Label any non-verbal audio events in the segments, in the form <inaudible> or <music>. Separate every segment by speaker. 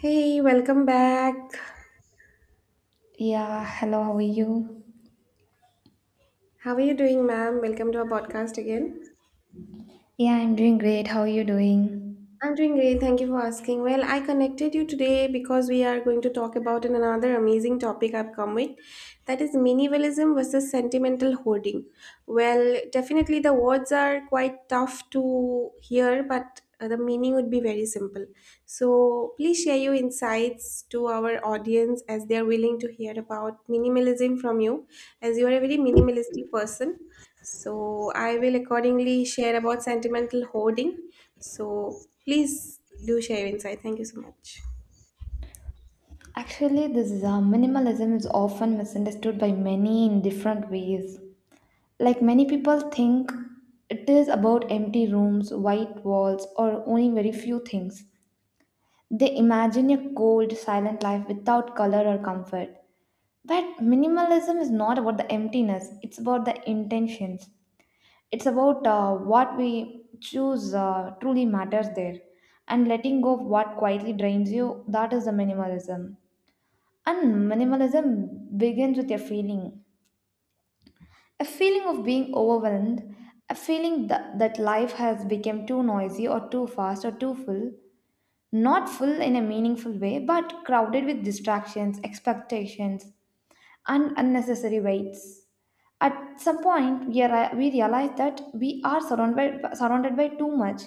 Speaker 1: Hey, welcome back.
Speaker 2: Yeah, hello, how are you?
Speaker 1: How are you doing, ma'am? Welcome to our podcast again.
Speaker 2: Yeah, I'm doing great. How are you doing?
Speaker 1: I'm doing great. Thank you for asking. Well, I connected you today because we are going to talk about another amazing topic I've come with, that is minimalism versus sentimental hoarding. Well, definitely the words are quite tough to hear, but the meaning would be very simple. So, please share your insights to our audience, as they are willing to hear about minimalism from you, as you are a very minimalistic person. So, I will accordingly share about sentimental hoarding, so please do share your insight. Thank you so much.
Speaker 2: Actually, this minimalism is often misunderstood by many in different ways. Like many people think it is about empty rooms, white walls, or owning very few things. They imagine a cold, silent life without color or comfort. But minimalism is not about the emptiness, it's about the intentions. It's about what we choose truly matters there, and letting go of what quietly drains you, that is the minimalism. And minimalism begins with a feeling, a feeling of being overwhelmed, a feeling that life has become too noisy or too fast or too full. Not full in a meaningful way, but crowded with distractions, expectations, and unnecessary weights. At some point, we realize that we are surrounded by too much,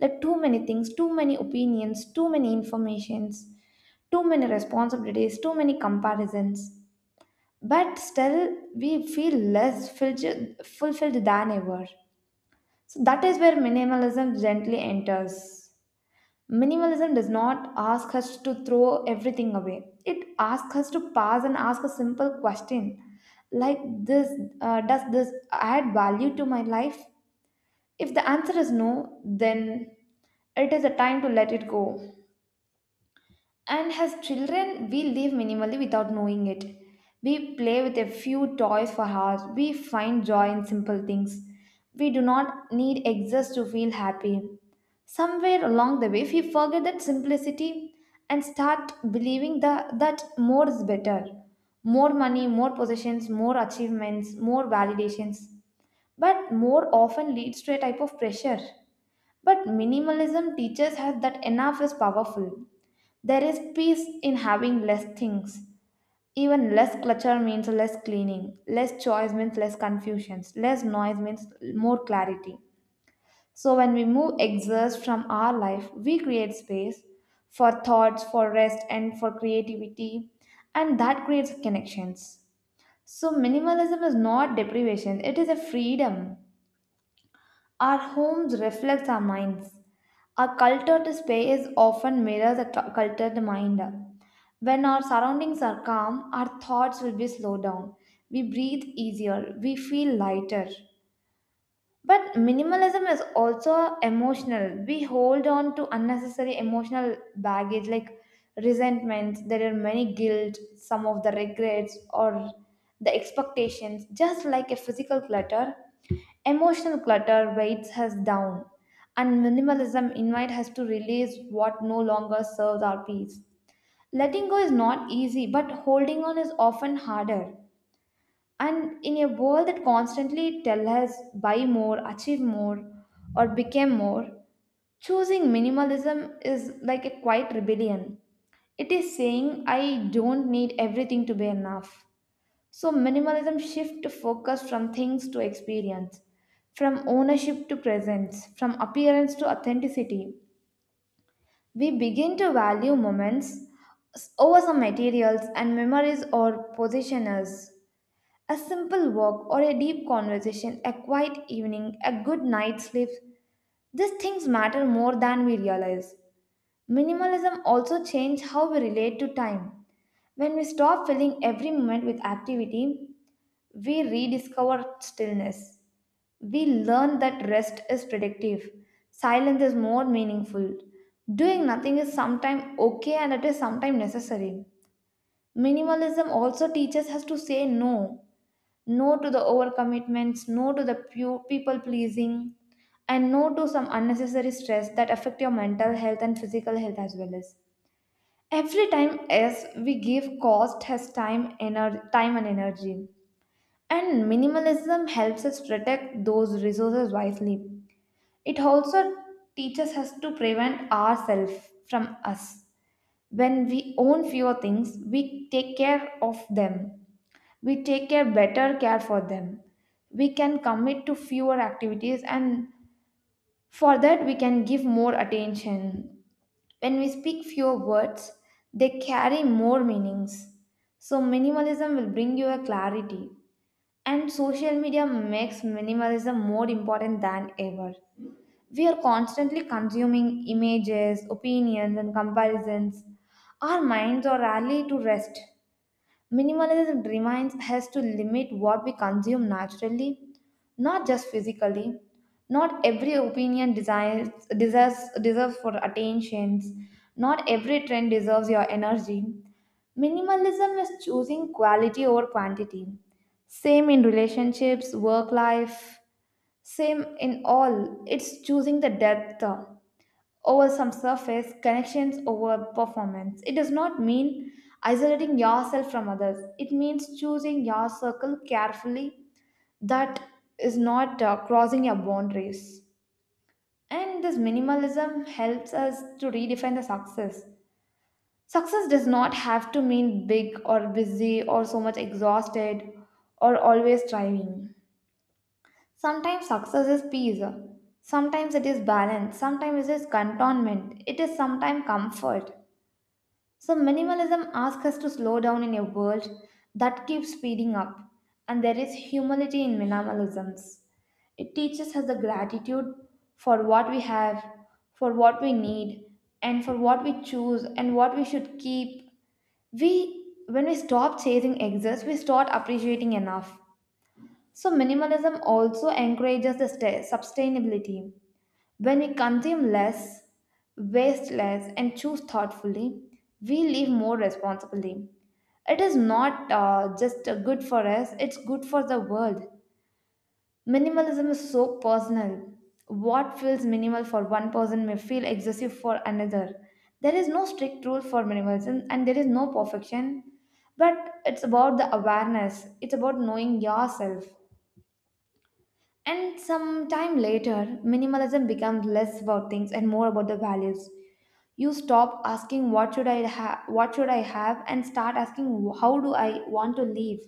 Speaker 2: like too many things, too many opinions, too many informations, too many responsibilities, too many comparisons. But still, we feel less fulfilled than ever. So that is where minimalism gently enters. Minimalism does not ask us to throw everything away. It asks us to pause and ask a simple question like this. Does this add value to my life? If the answer is no, then it is a time to let it go. And as children, we live minimally without knowing it. We play with a few toys for hours. We find joy in simple things. We do not need excess to feel happy. Somewhere along the way, we forget that simplicity and start believing that more is better. More money, more possessions, more achievements, more validations. But more often leads to a type of pressure. But minimalism teaches us that enough is powerful. There is peace in having less things. Even less clutter means less cleaning, less choice means less confusions, less noise means more clarity. So, when we move exhaust from our life, we create space for thoughts, for rest, and for creativity, and that creates connections. So, minimalism is not deprivation, it is a freedom. Our homes reflect our minds. Our culture display is often mirror the cultured mind. When our surroundings are calm, our thoughts will be slowed down. We breathe easier. We feel lighter. But minimalism is also emotional. We hold on to unnecessary emotional baggage like resentment. There are many guilt, some of the regrets, or the expectations, just like a physical clutter. Emotional clutter weights us down, and minimalism invites us to release what no longer serves our peace. Letting go is not easy, but holding on is often harder. And in a world that constantly tells us buy more, achieve more, or become more, choosing minimalism is like a quiet rebellion. It is saying I don't need everything to be enough. So, minimalism shifts focus from things to experience, from ownership to presence, from appearance to authenticity. We begin to value moments over some materials and memories or positioners. A simple walk or a deep conversation, a quiet evening, a good night's sleep, these things matter more than we realize. Minimalism also changes how we relate to time. When we stop filling every moment with activity, we rediscover stillness. We learn that rest is productive. Silence is more meaningful. Doing nothing is sometimes okay and it is sometimes necessary. Minimalism also teaches us to say no. No to the overcommitments, no to the people pleasing, and no to some unnecessary stress that affect your mental health and physical health as well as. Every time as we give cost has time, time and energy and minimalism helps us protect those resources wisely. It also teaches us to prevent ourselves from us. When we own fewer things, we take care of them. We take care better care for them. We can commit to fewer activities and for that we can give more attention. When we speak fewer words, they carry more meanings. So minimalism will bring you a clarity and social media makes minimalism more important than ever. We are constantly consuming images, opinions, and comparisons. Our minds are rarely to rest. Minimalism reminds us to limit what we consume naturally, not just physically. Not every opinion desires, deserves for attentions. Not every trend deserves your energy. Minimalism is choosing quality over quantity. Same in relationships, work life, same in all. It's choosing the depth over some surface, connections over performance. It does not mean isolating yourself from others, it means choosing your circle carefully that is not crossing your boundaries. And this minimalism helps us to redefine the success. Success does not have to mean big or busy or so much exhausted or always striving. Sometimes success is peace. Sometimes it is balance. Sometimes it is contentment. It is sometimes comfort. So, minimalism asks us to slow down in a world that keeps speeding up. And there is humility in minimalisms. It teaches us the gratitude for what we have, for what we need, and for what we choose and what we should keep. We when we stop chasing excess we start appreciating enough. So minimalism also encourages the sustainability. When we consume less, waste less and choose thoughtfully, we live more responsibly. It is not just good for us, it's good for the world. Minimalism is so personal. What feels minimal for one person may feel excessive for another. There is no strict rule for minimalism and there is no perfection, but it's about the awareness, it's about knowing yourself. And some time later, minimalism becomes less about things and more about the values. You stop asking what should I have, and start asking how do I want to live.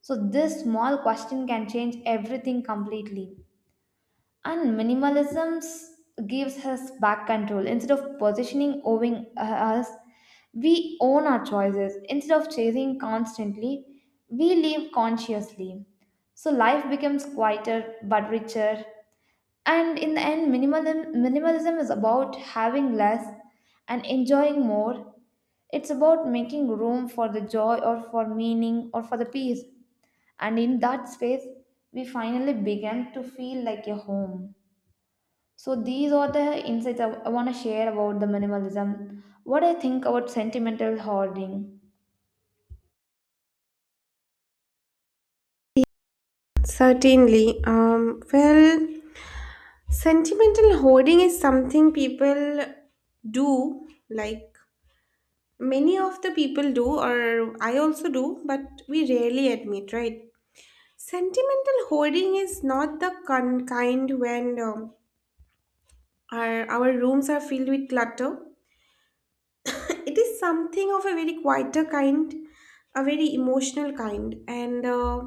Speaker 2: So this small question can change everything completely. And minimalism gives us back control. Instead of positioning owing us, we own our choices. Instead of chasing constantly, we live consciously. So life becomes quieter but richer. And in the end, minimalism is about having less and enjoying more. It's about making room for the joy or for meaning or for the peace. And in that space, we finally begin to feel like a home. So these are the insights I want to share about the minimalism. What I think about sentimental hoarding.
Speaker 1: Certainly. Sentimental hoarding is something people do, like many of the people do, or I also do, but we rarely admit, right? Sentimental hoarding is not the kind when, our rooms are filled with clutter. It is something of a very quieter kind, a very emotional kind, and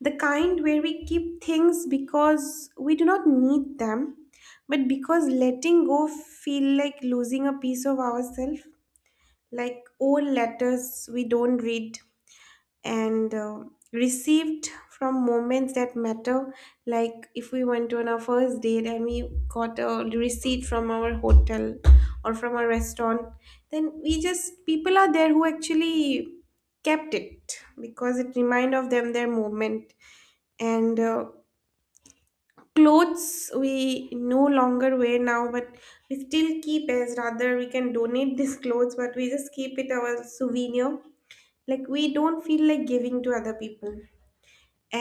Speaker 1: the kind where we keep things because we do not need them, but because letting go feel like losing a piece of ourselves, like old letters we don't read, and received from moments that matter. Like if we went on our first date and we got a receipt from our hotel or from a restaurant, then we just, people are there who actually kept it because it remind of them their moment. And clothes we no longer wear now, but we still keep. As rather we can donate <laughs> these clothes, but we just keep it our souvenir, like we don't feel like giving to other people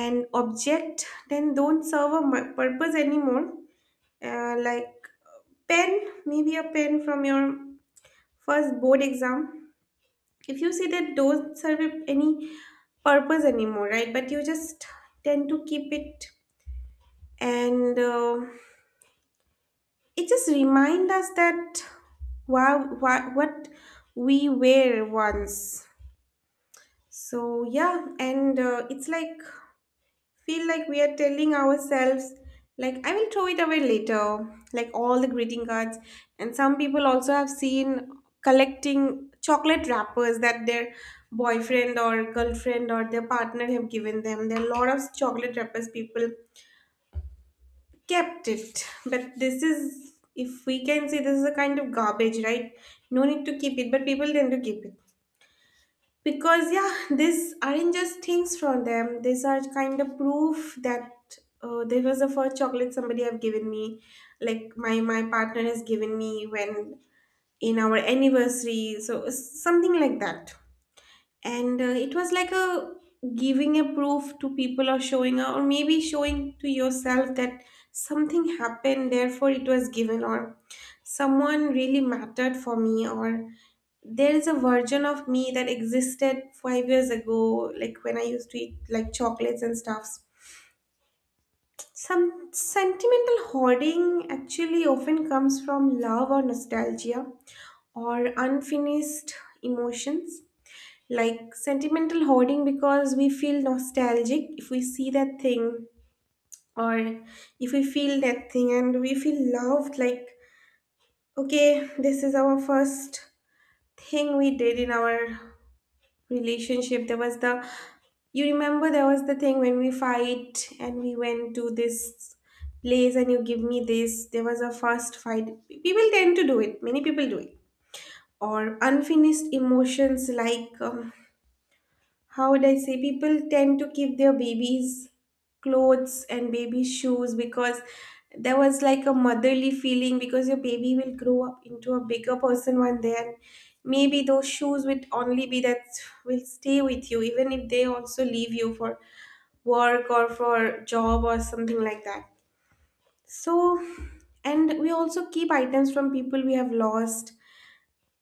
Speaker 1: an object then don't serve a purpose anymore. Like pen, maybe a pen from your first board exam. If you see that don't serve any purpose anymore, right? But you just tend to keep it. And it just remind us that wow, what we were once. So yeah, and it's like feel like we are telling ourselves, like I will throw it away later, like all the greeting cards. And some people also have seen collecting chocolate wrappers that their boyfriend or girlfriend or their partner have given them. There are a lot of chocolate wrappers people kept it, but this is, if we can see, this is a kind of garbage, right? No need to keep it, but people tend to keep it because, yeah, these aren't just things from them, these are kind of proof that, this was the first chocolate somebody have given me. Like my partner has given me when in our anniversary, so something like that. And it was like a giving a proof to people, or showing, or maybe showing to yourself that something happened therefore it was given, or someone really mattered for me, or there is a version of me that existed 5 years ago, like when I used to eat like chocolates and stuffs. Some sentimental hoarding actually often comes from love or nostalgia or unfinished emotions, like sentimental hoarding because we feel nostalgic if we see that thing, or if we feel that thing and we feel loved, like okay, this is our first thing we did in our relationship. There was the, you remember there was the thing when we fight and we went to this place and you give me this, there was a first fight. People tend to do it, many people do it. Or unfinished emotions, like how would I say, people tend to keep their babies' clothes and baby shoes because there was like a motherly feeling, because your baby will grow up into a bigger person one day, and maybe those shoes would only be that will stay with you even if they also leave you for work or for job or something like that. So, and we also keep items from people we have lost,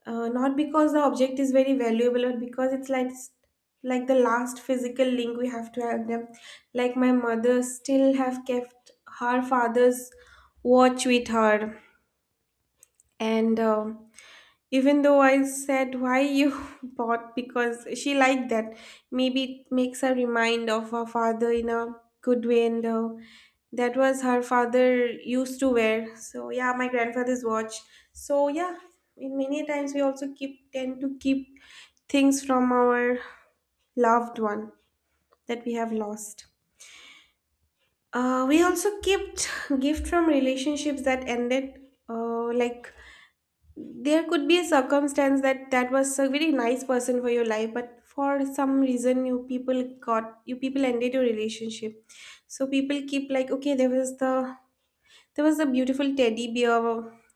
Speaker 1: not because the object is very valuable, or because it's like the last physical link we have to have them. Like my mother still have kept her father's watch with her. And even though I said why you <laughs> bought, because she liked that. Maybe it makes her remind of her father in a good way. And that was her father used to wear. So yeah, my grandfather's watch. So yeah, in many times we also keep, tend to keep things from our loved one that we have lost. We also kept <laughs> gift from relationships that ended. Like there could be a circumstance that that was a very nice person for your life, but for some reason you people got, you people ended your relationship. So people keep like okay, there was the, there was a beautiful teddy bear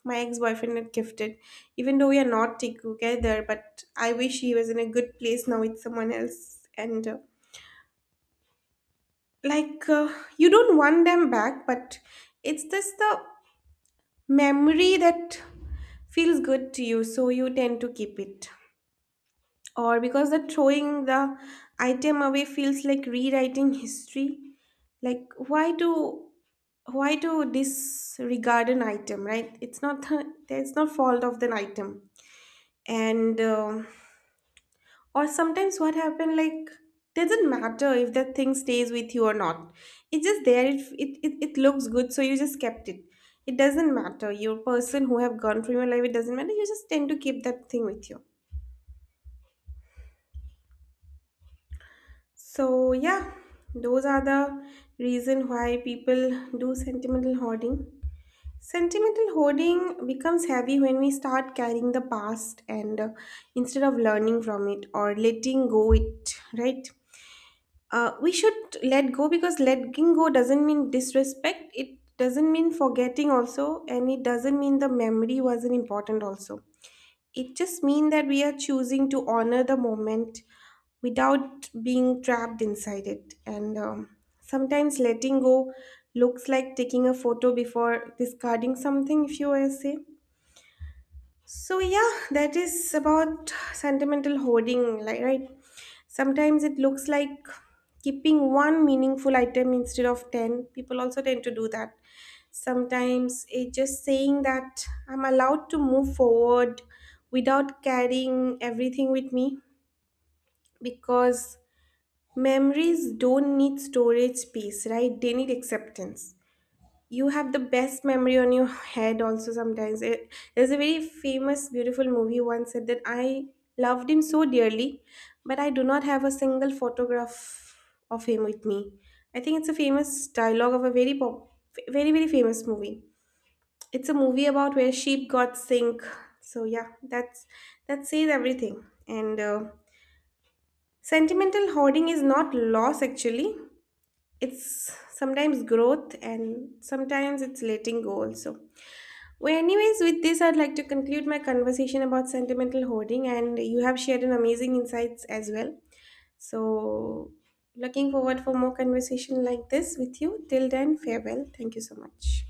Speaker 1: my ex-boyfriend had gifted. Even though we are not together, but I wish he was in a good place now with someone else. And like uh, you don't want them back, but it's just the memory that feels good to you, so you tend to keep it. Or because the throwing the item away feels like rewriting history. Like why do, why do disregard an item, right? It's not the, it's not fault of the item. And, or sometimes what happened, like doesn't matter if that thing stays with you or not. It's just there, it looks good, so you just kept it. It doesn't matter your person who have gone from your life, it doesn't matter, you just tend to keep that thing with you. So yeah, those are the reason why people do sentimental hoarding. Sentimental hoarding becomes heavy when we start carrying the past, and instead of learning from it or letting go it, right? We should let go, because letting go doesn't mean disrespect. It doesn't mean forgetting also, and it doesn't mean the memory wasn't important also. It just means that we are choosing to honor the moment without being trapped inside it. And sometimes letting go looks like taking a photo before discarding something, if you were to say. So yeah, that is about sentimental hoarding, like right. Sometimes it looks like keeping one meaningful item instead of 10. People also tend to do that. Sometimes it's just saying that I'm allowed to move forward without carrying everything with me, because memories don't need storage space, right? They need acceptance. You have the best memory on your head also. Sometimes it, there's a very famous beautiful movie once said that I loved him so dearly, but I do not have a single photograph of him with me. I think it's a famous dialogue of a very very very famous movie. It's a movie about where sheep got sink. So yeah, that's, that says everything. And sentimental hoarding is not loss actually, it's sometimes growth, and sometimes it's letting go also. Well, anyways, with this, I'd like to conclude my conversation about sentimental hoarding, and you have shared an amazing insights as well. So, looking forward for more conversation like this with you. Till then, farewell. Thank you so much.